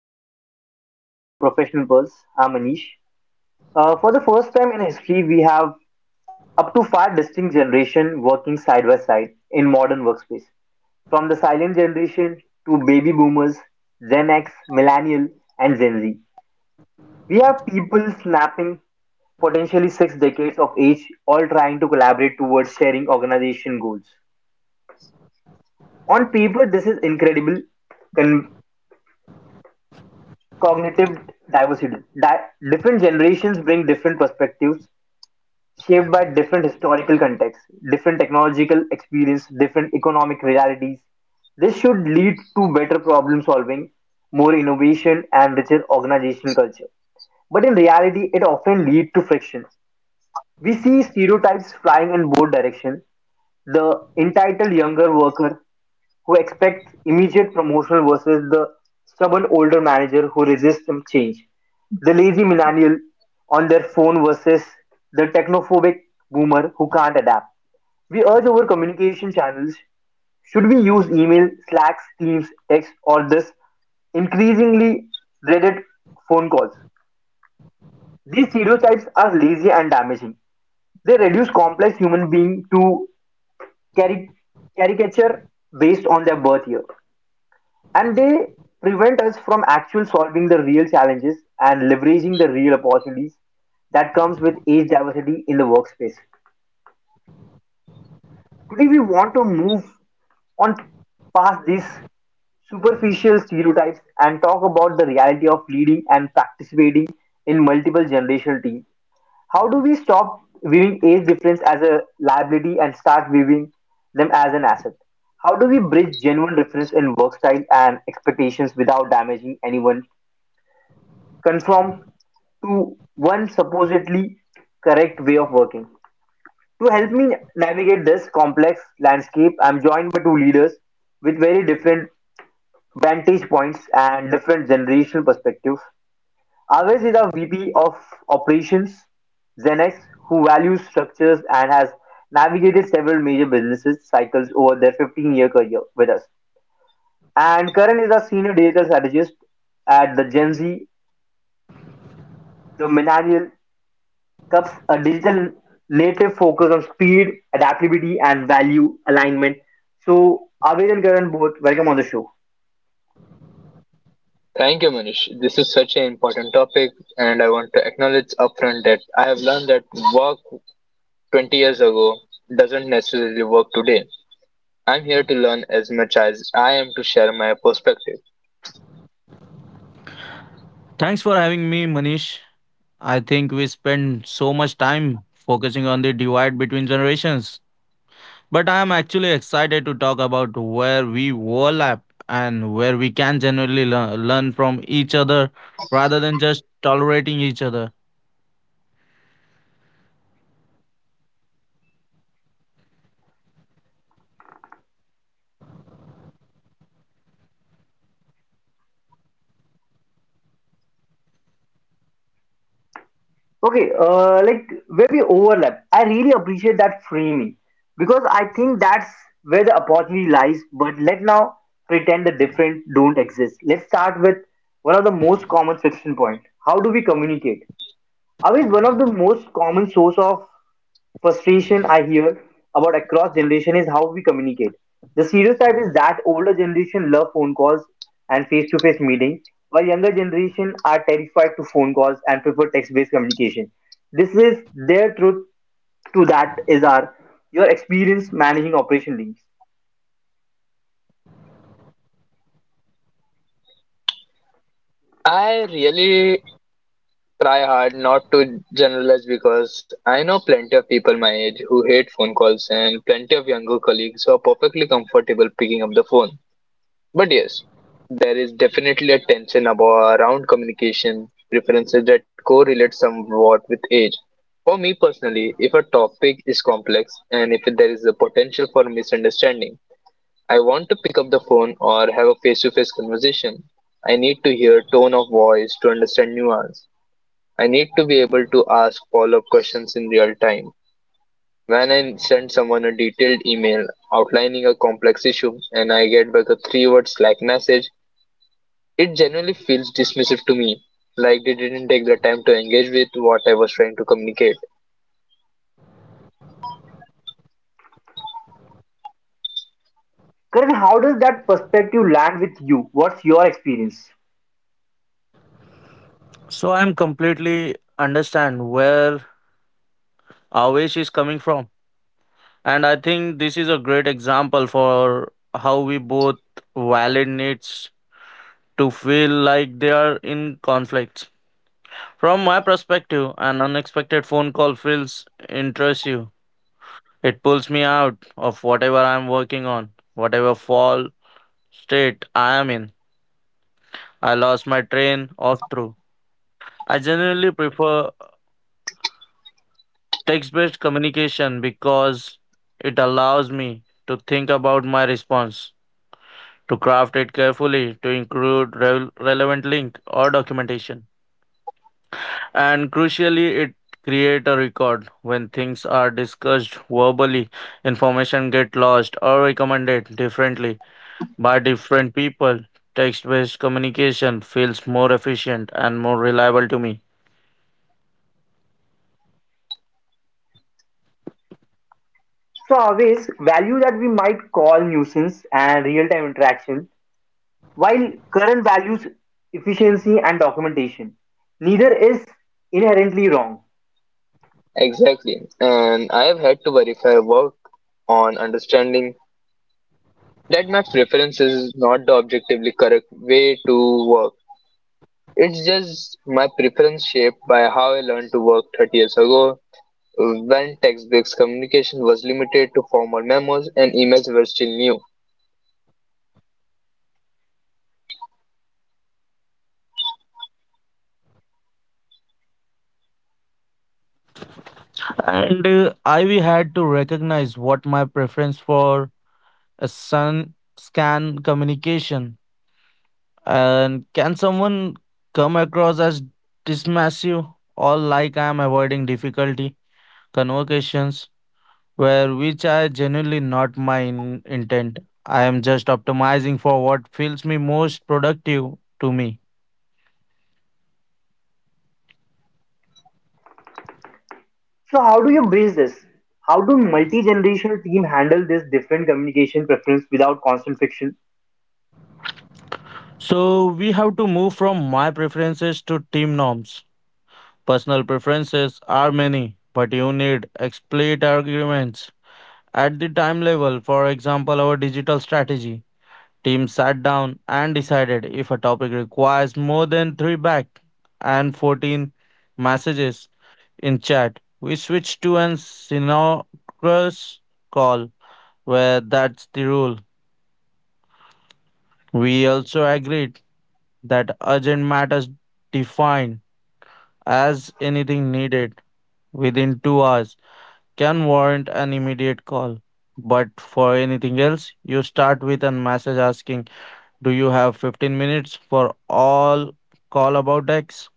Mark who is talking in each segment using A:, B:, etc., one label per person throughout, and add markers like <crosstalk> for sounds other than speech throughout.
A: roundtable episode of The Professional Pulse. I'm Anish. For the first time in history, we have up to five distinct generations working side by side in modern workspace. From the silent generation to baby boomers, Gen X, millennial, and Gen Z. We have people snapping potentially six decades of age, all trying to collaborate towards sharing organization goals. On paper, this is incredible, cognitive diversity. Different generations bring different perspectives shaped by different historical contexts, different technological experience, different economic realities. This should lead to better problem solving, more innovation, and richer organizational culture. But in reality, it often leads to friction. We see stereotypes flying in both directions. The entitled younger worker who expects immediate promotion versus the stubborn older manager who resists some change. The lazy millennial on their phone versus the technophobic boomer who can't adapt. We urge our communication channels. Should we use email, Slacks, Teams, text, or this increasingly dreaded phone calls? These stereotypes are lazy and damaging. They reduce complex human being to caric- caricature based on their birth year. And they prevent us from actual solving the real challenges and leveraging the real opportunities that comes with age diversity in the workspace. Today we want to move on past these superficial stereotypes and talk about the reality of leading and participating in multiple generational teams. How do we stop viewing age difference as a liability and start viewing them as an asset? How do we bridge genuine difference in work style and expectations without damaging anyone conform to one supposedly correct way of working? To help me navigate this complex landscape, I'm joined by two leaders with very different vantage points and different generational perspectives. Aves is our VP of Operations, Zenex, who values structures and has navigated several major businesses cycles over their 15-year career with us. And Karan is a senior digital strategist at the Gen Z, the millennial Cups, a digital native focus on speed, adaptability, and value alignment. So, Aved and Karan both, welcome on the show.
B: Thank you, Manish. This is such an important topic, and I want to acknowledge upfront that I have learned that work 20 years ago doesn't necessarily work today. I'm here to learn as much as I am to share my perspective.
C: Thanks for having me, Manish. I think we spend so much time focusing on the divide between generations. But I am actually excited to talk about where we overlap and where we can genuinely learn from each other rather than just tolerating each other.
A: Okay, like where we overlap, I really appreciate that framing because I think that's where the opportunity lies. But let now pretend the different don't exist. Let's start with one of the most common friction point. How do we communicate? Aved, one of the most common source of frustration I hear about across generation is how we communicate. The stereotype is that older generation love phone calls and face-to-face meetings, while younger generation are terrified to phone calls and prefer text-based communication. This is their truth to that is our your experience managing operation leads.
B: I really try hard not to generalize because I know plenty of people my age who hate phone calls and plenty of younger colleagues who are perfectly comfortable picking up the phone. But yes, there is definitely a tension about around communication preferences that correlate somewhat with age. For me personally, if a topic is complex and if there is a potential for misunderstanding, I want to pick up the phone or have a face-to-face conversation. I need to hear tone of voice to understand nuance. I need to be able to ask follow-up questions in real time. When I send someone a detailed email outlining a complex issue and I get back a three-word Slack message, it genuinely feels dismissive to me, like they didn't take the time to engage with what I was trying to communicate.
A: Karan, how does that perspective land with you? What's your experience?
C: So I am completely understand where Avesh is coming from. And I think this is a great example for how we both valid needs to feel like they are in conflict. From my perspective, an unexpected phone call feels intrusive. It pulls me out of whatever I am working on, whatever fall state I am in. I lost my train of through. I generally prefer text based communication because it allows me to think about my response, to craft it carefully, to include relevant link or documentation. And crucially, it create a record. When things are discussed verbally, information get lost or recommended differently by different people. Text-based communication feels more efficient and more reliable to me.
A: So always value that we might call nuisance and real-time interaction while current values efficiency and documentation, neither is inherently wrong.
B: Exactly, and I have had to verify work on understanding that Maps preference is not the objectively correct way to work. It's just my preference shaped by how I learned to work 30 years ago when text-based communication was limited to formal memos and emails were still new.
C: And uh, i we had to recognize what my preference for a sun scan communication and can someone come across as dismissive or like I am avoiding difficulty convocations where which I genuinely not my intent. I am just optimizing for what feels me most productive to me.
A: So how do you bridge this? How do multi-generational team handle this different communication preference without constant friction?
C: So we have to move from my preferences to team norms. Personal preferences are many, but you need explicit arguments at the time level. For example, our digital strategy team sat down and decided if a topic requires more than 3 back and 14 messages in chat. We switched to an synchronous call where that's the rule. We also agreed that urgent matters, defined as anything needed within 2 hours, can warrant an immediate call. But for anything else, you start with a message asking, "Do you have 15 minutes for all call about X?"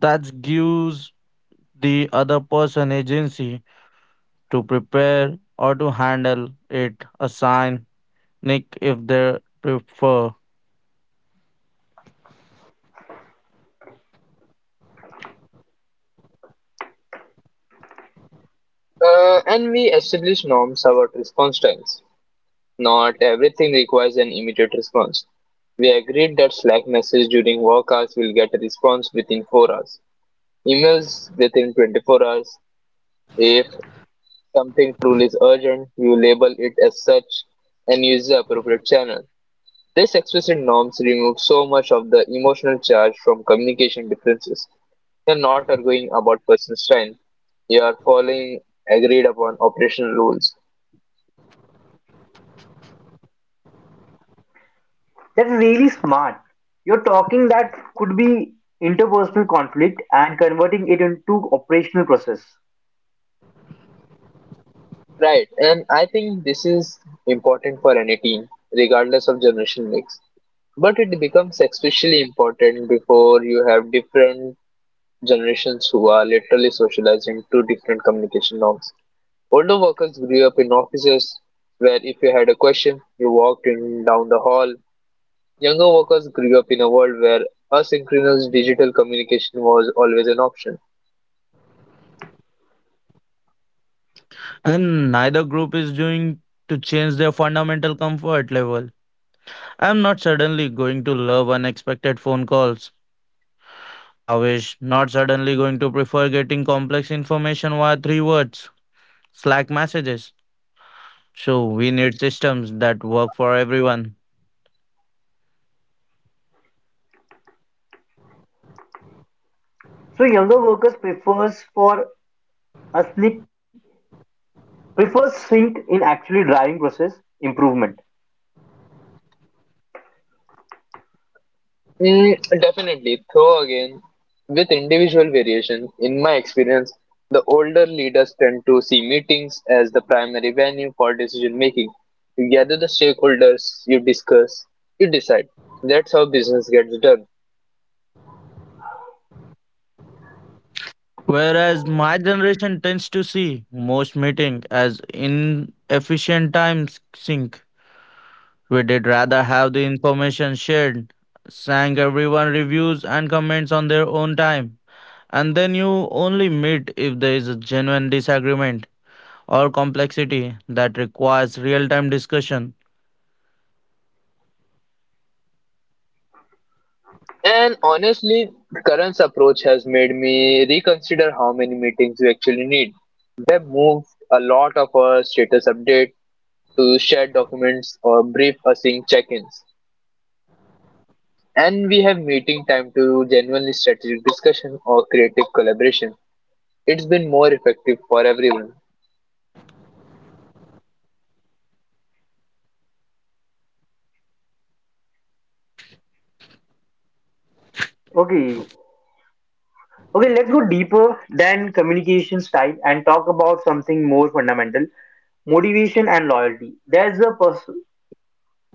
C: That gives the other person agency to prepare or to handle it, assign Nick if they prefer.
B: And we established norms about response times. Not everything requires an immediate response. We agreed that Slack message during work hours will get a response within 4 hours. Emails within 24 hours. If something truly is urgent, you label it as such and use the appropriate channel. These explicit norms remove so much of the emotional charge from communication differences. You're not arguing about personal strength. You are following agreed upon operational rules.
A: That's really smart. You're talking that could be interpersonal conflict and converting it into operational process.
B: Right, and I think this is important for any team, regardless of generation mix. But it becomes especially important before you have different generations who are literally socializing to different communication norms. Older workers grew up in offices where if you had a question, you walked in down the hall. Younger workers grew up in a world where asynchronous digital communication was always an option.
C: And neither group is doing to change their fundamental comfort level. I'm not suddenly going to love unexpected phone calls. I wish not suddenly going to prefer getting complex information via three words Slack messages. So we need systems that work for everyone.
A: So younger workers prefers for a slip prefers sync in actually driving process improvement.
B: Mm, definitely. Though again, with individual variation, in my experience, the older leaders tend to see meetings as the primary venue for decision making. You gather the stakeholders, you discuss, you decide. That's how business gets done.
C: Whereas my generation tends to see most meeting as inefficient time sink. We did rather have the information shared, sang everyone reviews and comments on their own time, and then you only meet if there is a genuine disagreement or complexity that requires real time discussion.
B: And honestly, current's approach has made me reconsider how many meetings we actually need. They moved a lot of our status update to shared documents or brief async check-ins. And we have meeting time to genuinely strategic discussion or creative collaboration. It's been more effective for everyone.
A: Okay, Okay, let's go deeper than communication style and talk about something more fundamental motivation and loyalty. There's a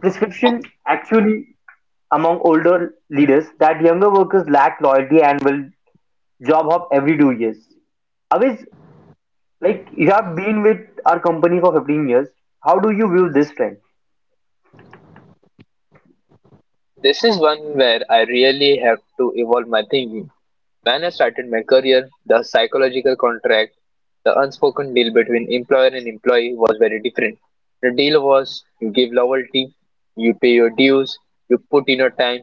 A: prescription actually among older leaders that younger workers lack loyalty and will job hop every 2 years. Always, like you have been with our company for 15 years, how do you view this trend?
B: This is one where I really have to evolve my thinking. When I started my career, the psychological contract, the unspoken deal between employer and employee was very different. The deal was you give loyalty, you pay your dues, you put in your time,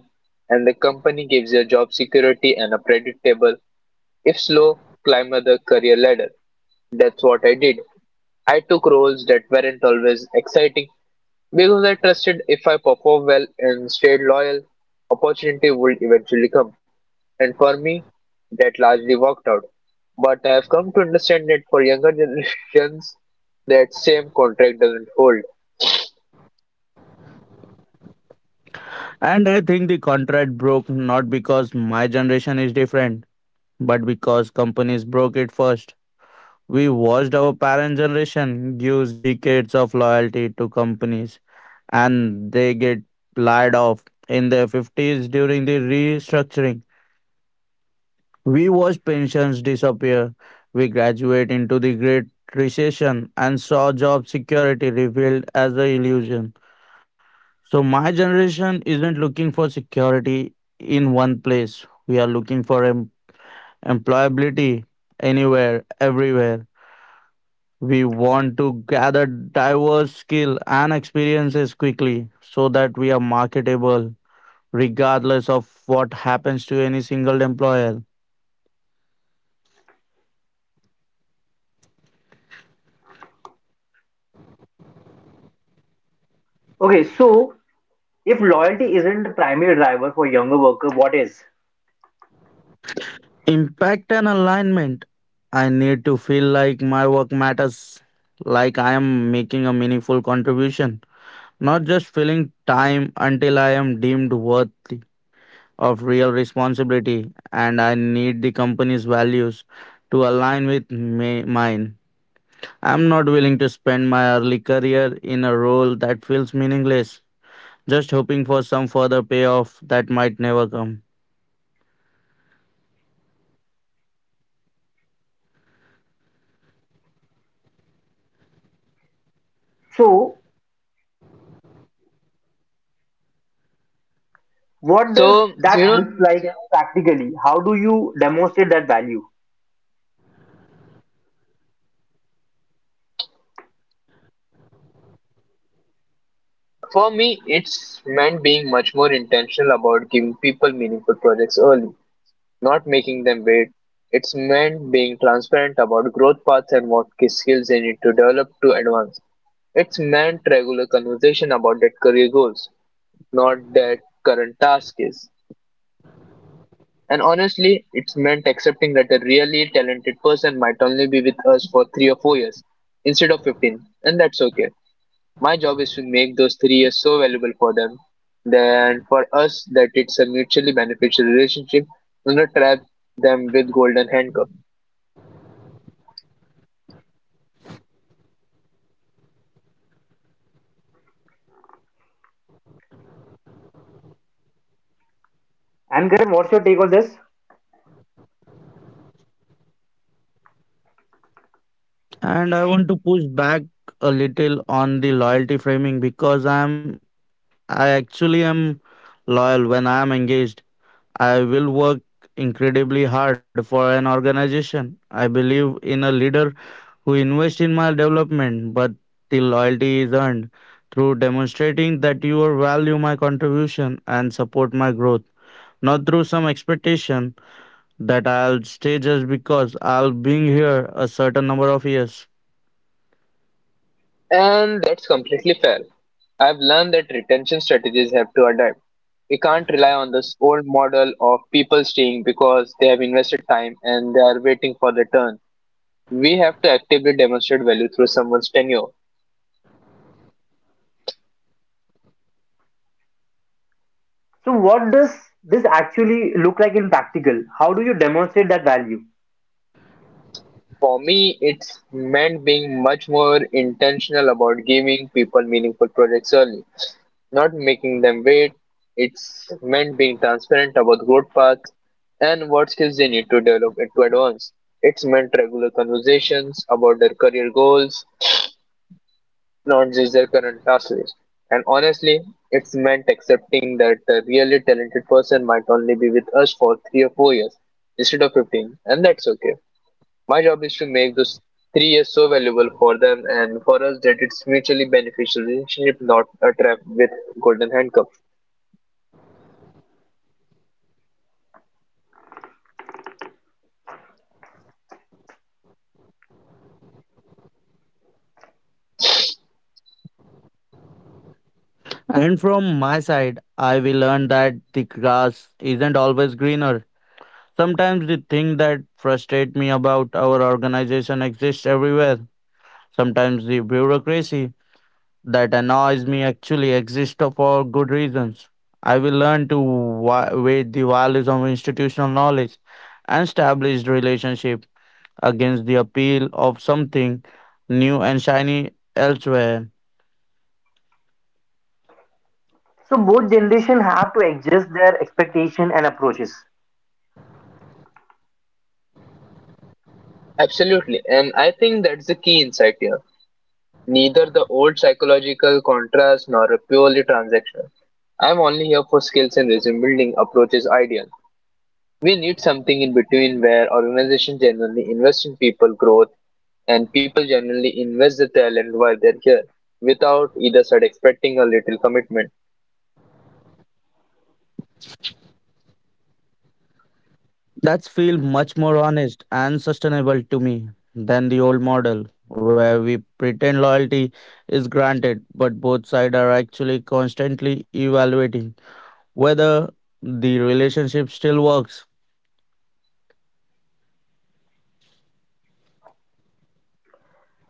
B: and the company gives you job security and a predictable, if slow, climb of the career ladder. That's what I did. I took roles that weren't always exciting because I trusted if I performed well and stayed loyal, opportunity would eventually come. And for me, that largely worked out. But I have come to understand that for younger <laughs> generations, that same contract doesn't hold.
C: And I think the contract broke not because my generation is different, but because companies broke it first. We watched our parent generation use decades of loyalty to companies and they get laid off in their 50s during the restructuring. We watched pensions disappear. We graduate into the Great Recession and saw job security revealed as an illusion. So, my generation isn't looking for security in one place. We are looking for employability anywhere, everywhere. We want to gather diverse skill and experiences quickly so that we are marketable regardless of what happens to any single employer.
A: Okay, so if loyalty isn't the primary driver for younger worker, what is?
C: Impact and alignment. I need to feel like my work matters, like I am making a meaningful contribution, not just filling time until I am deemed worthy of real responsibility, and I need the company's values to align with mine. I'm not willing to spend my early career in a role that feels meaningless, just hoping for some further payoff that might never come.
A: So what does
B: So,
A: that look like practically? How do you demonstrate that value?
B: for me, it's meant being much more intentional about giving people meaningful projects early. Not making them wait. It's meant being transparent about growth paths and what key skills they need to develop to advance. It's meant regular conversation about that career goals, not that current task is. And honestly, it's meant accepting that a really talented person might only be with us for 3 or 4 years instead of 15, and that's okay. My job is to make those 3 years so valuable for them, then for us that it's a mutually beneficial relationship, and not trap them with golden handcuffs.
A: And Karan, what's your take on this?
C: And I want to push back a little on the loyalty framing because I actually am loyal. When I am engaged, I will work incredibly hard for an organization. I believe in a leader who invests in my development, but the loyalty is earned through demonstrating that you value my contribution and support my growth, not through some expectation that I'll stay just because I'll be here a certain number of years.
B: And that's completely fair. I've learned that retention strategies have to adapt. We can't rely on this old model of people staying because they have invested time and they are waiting for their turn. We have to actively demonstrate value through someone's tenure.
A: So, what does this actually look like in practical? How do you demonstrate that value?
B: For me, it's meant being much more intentional about giving people meaningful projects early, not making them wait. It's meant being transparent about growth paths and what skills they need to develop and to advance. It's meant regular conversations about their career goals, not just their current task list. And honestly, it's meant accepting that a really talented person might only be with us for 3 or 4 years instead of 15, and that's okay. My job is to make those 3 years so valuable for them and for us that it's mutually beneficial relationship, not a trap with golden handcuffs.
C: And from my side, I will learn that the grass isn't always greener. Sometimes the thing that frustrate me about our organization exists everywhere. Sometimes the bureaucracy that annoys me actually exists for good reasons. I will learn to weigh the values of institutional knowledge and established relationship against the appeal of something new and shiny elsewhere.
A: So, both generation have to adjust their expectation and approaches.
B: Absolutely, and I think that's the key insight here. Neither the old psychological contrast nor a purely transactional. I'm only here for skills and resume building approach is ideal. We need something in between where organizations generally invest in people growth and people generally invest the talent while they're here without either side expecting a little commitment.
C: That's feel much more honest and sustainable to me than the old model where we pretend loyalty is granted but both sides are actually constantly evaluating whether the relationship still works.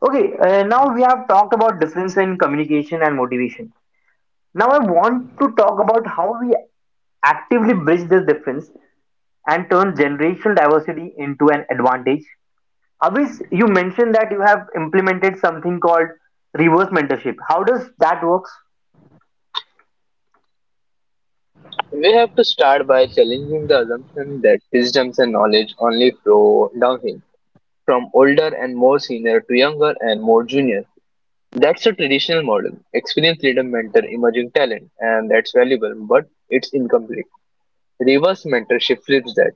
A: Okay, now we have talked about difference in communication and motivation. Now, I want to talk about how we actively bridge this difference and turn generational diversity into an advantage. Abhis, you mentioned that you have implemented something called reverse mentorship. How does that work?
B: We have to start by challenging the assumption that wisdoms and knowledge only flow downhill, from older and more senior to younger and more junior. That's a traditional model. Experienced leader mentor emerging talent, and that's valuable, but it's incomplete. Reverse mentorship flips that,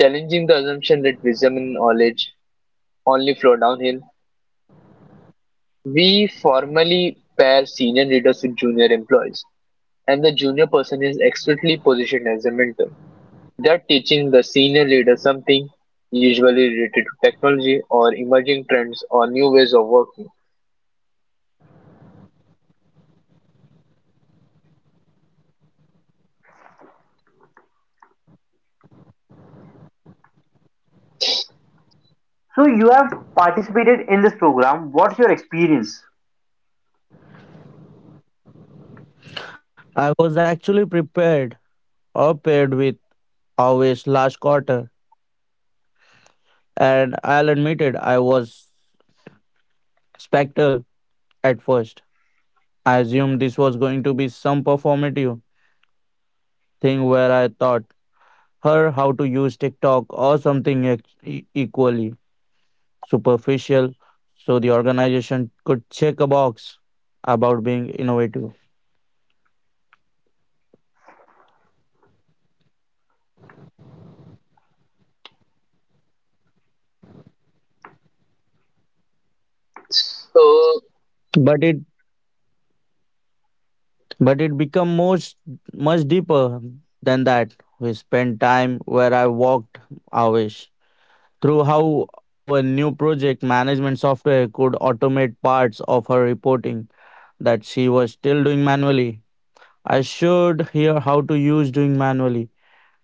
B: challenging the assumption that wisdom and knowledge only flow downhill. We formally pair senior leaders with junior employees, and the junior person is expertly positioned as a mentor. They're teaching the senior leader something, usually related to technology or emerging trends or new ways of working.
A: So you have participated in this program. What's your experience?
C: I was actually prepared or paired with always last quarter, and I'll admit it, I was spectral at first. I assumed this was going to be some performative thing where I thought her how to use TikTok or something equally superficial, so the organization could check a box about being innovative.
B: So,
C: But it but it become most much deeper than that. We spent time where I walked hours through how our new project management software could automate parts of her reporting that she was still doing manually. I showed her how to use doing manually.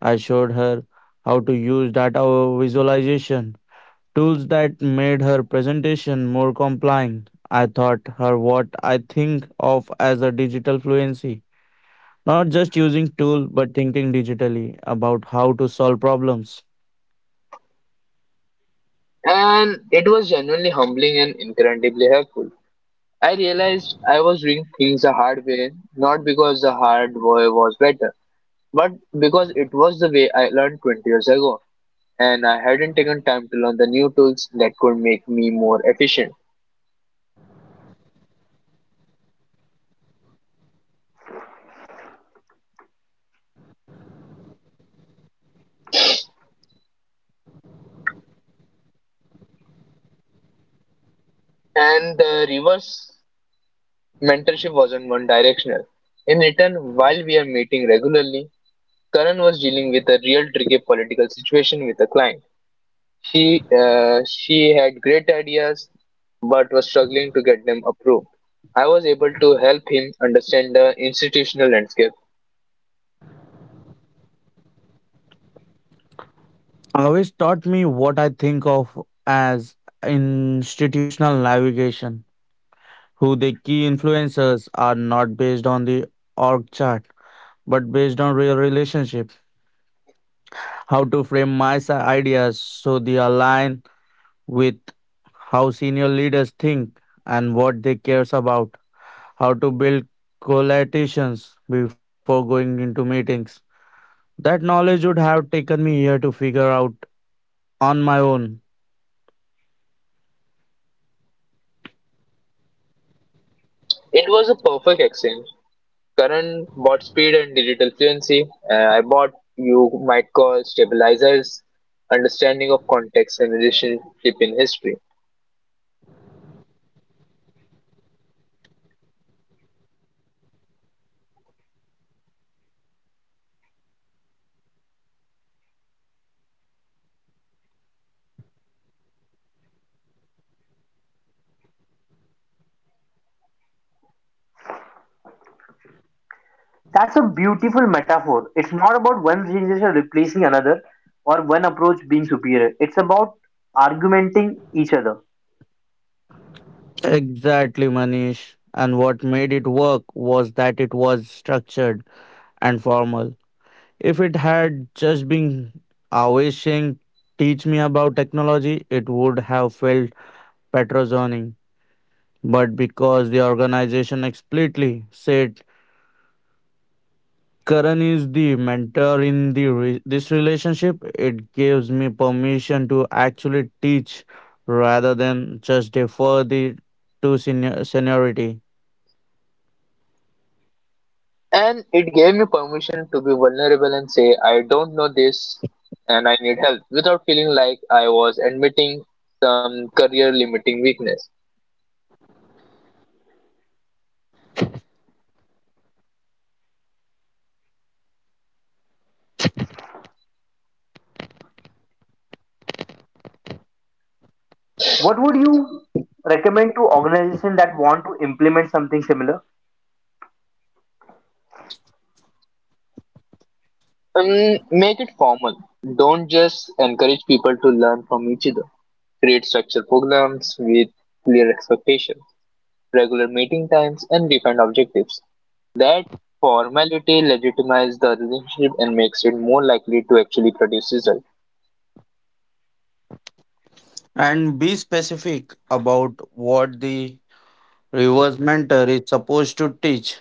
C: I showed her how to use data visualization tools that made her presentation more compelling. I taught her what I think of as a digital fluency, not just using tool but thinking digitally about how to solve problems.
B: and it was genuinely humbling and incredibly helpful. I realized I was doing things the hard way, not because the hard way was better, but because it was the way I learned 20 years ago, and I hadn't taken time to learn the new tools that could make me more efficient. And the reverse mentorship wasn't one directional. In return, while we are meeting regularly, Karan was dealing with a real tricky political situation with a client. She had great ideas but was struggling to get them approved. I was able to help him understand the institutional landscape.
C: Always taught me what I think of as institutional navigation, who the key influencers are, not based on the org chart but based on real relationships, how to frame my ideas so they align with how senior leaders think and what they cares about, how to build collations before going into meetings. That knowledge would have taken me here to figure out on my own.
B: It was a perfect exchange. Karan bought speed and digital fluency. I bought you might call stabilizers, understanding of context and relationship in history.
A: That's a beautiful metaphor. It's not about one generation replacing another or one approach being superior. It's about argumenting each other.
C: Exactly, Manish. And what made it work was that it was structured and formal. If it had just been always saying, "teach me about technology," it would have felt patronizing. But because the organization explicitly said Karan is the mentor in the this relationship, it gives me permission to actually teach rather than just defer the to seniority.
B: And it gave me permission to be vulnerable and say, I don't know this and I need help without feeling like I was admitting some career limiting weakness.
A: What would you recommend to organizations that want to implement something similar?
B: Make it formal. Don't just encourage people to learn from each other. Create structured programs with clear expectations, regular meeting times, and defined objectives. That formality legitimizes the relationship and makes it more likely to actually produce results.
C: And be specific about what the reverse mentor is supposed to teach.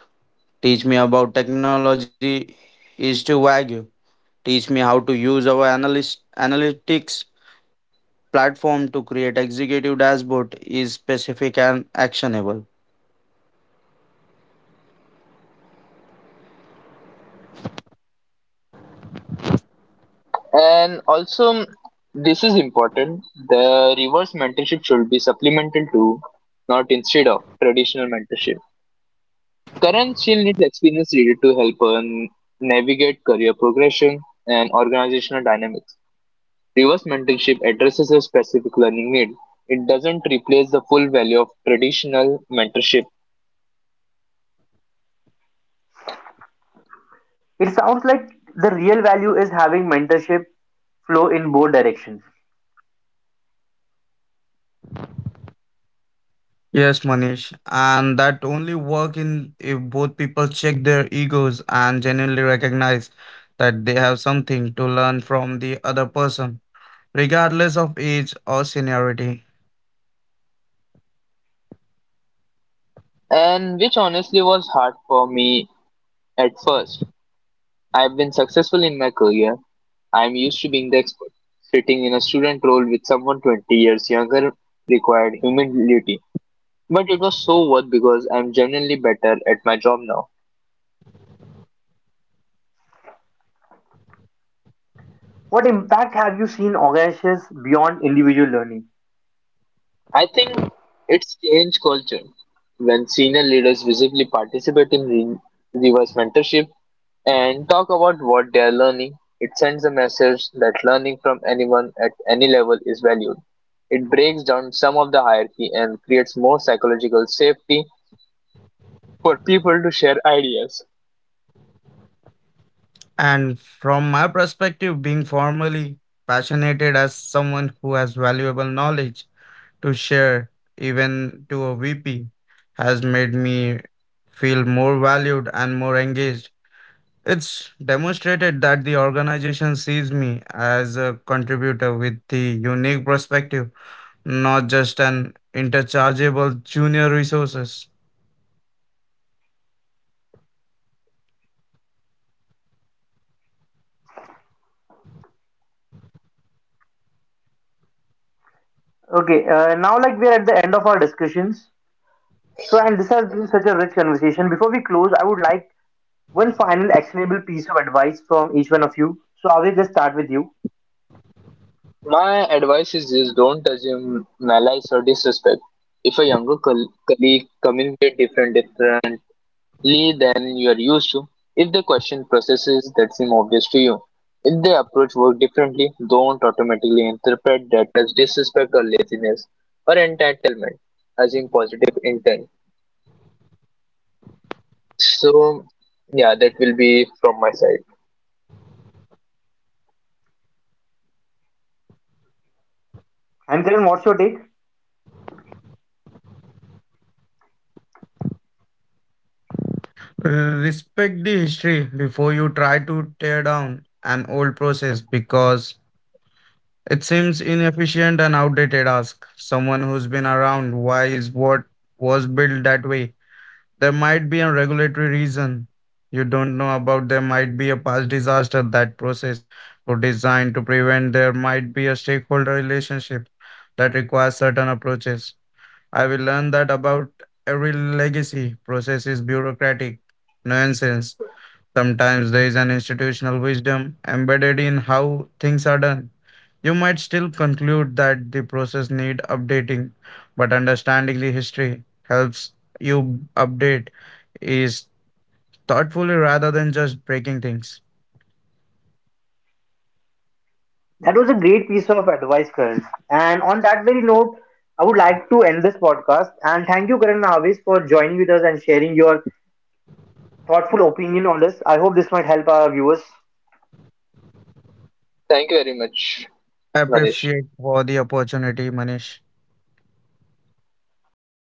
C: "Teach me about technology" is to Wagyu. "Teach me how to use our analyst analytics platform to create executive dashboard" is specific and actionable.
B: And also, this is important. The reverse mentorship should be supplemental to, not instead of, traditional mentorship. Current skill needs experience needed to help her navigate career progression and organizational dynamics. Reverse mentorship addresses a specific learning need. It doesn't replace the full value of traditional mentorship,
A: It sounds like the real value is having mentorship flow in both directions.
C: Yes, Manish, and that only work in if both people check their egos and genuinely recognize that they have something to learn from the other person, regardless of age or seniority.
B: and which honestly was hard for me at first. I've been successful in my career, I'm used to being the expert. Sitting in a student role with someone 20 years younger required humility, but it was so worth because I'm genuinely better at my job now.
A: What impact have you seen organizations beyond individual learning?
B: I think it's changed culture when senior leaders visibly participate in reverse mentorship and talk about what they are learning. It sends a message that learning from anyone at any level is valued. It breaks down some of the hierarchy and creates more psychological safety for people to share ideas.
C: And from my perspective, being formally passionate as someone who has valuable knowledge to share, even to a VP, has made me feel more valued and more engaged. It's demonstrated that the organization sees me as a contributor with the unique perspective, not just an interchangeable junior resources.
A: Okay, now like we're at the end of our discussions, so and this has been such a rich conversation. Before we close, I would like one final actionable piece of advice from each one of you. So I will just start with you.
B: My advice is this don't assume malice or disrespect. If a younger colleague communicates differently than you are used to, if they question processes that seem obvious to you, if they approach work differently, don't automatically interpret that as disrespect or laziness or entitlement, assume positive intent. So, yeah, that will be from my side.
A: And Karan, what's your take?
C: Respect the history. Before you try to tear down an old process because it seems inefficient and outdated, ask someone who's been around why is what was built that way. There might be a regulatory reason you don't know about. There might be a past disaster that process was designed to prevent. There might be a stakeholder relationship that requires certain approaches. I will learn that about every legacy process is bureaucratic nonsense. Sometimes there is an institutional wisdom embedded in how things are done. You might still conclude that the process need updating, but understanding the history helps you update is thoughtfully rather than just breaking things.
A: That was a great piece of advice, Karan. And on that very note, I would like to end this podcast and thank you Karan and Avis for joining with us and sharing your thoughtful opinion on this. I hope this might help our viewers.
B: Thank you very much,
C: I
B: Manish.
C: appreciate for the opportunity, Manish.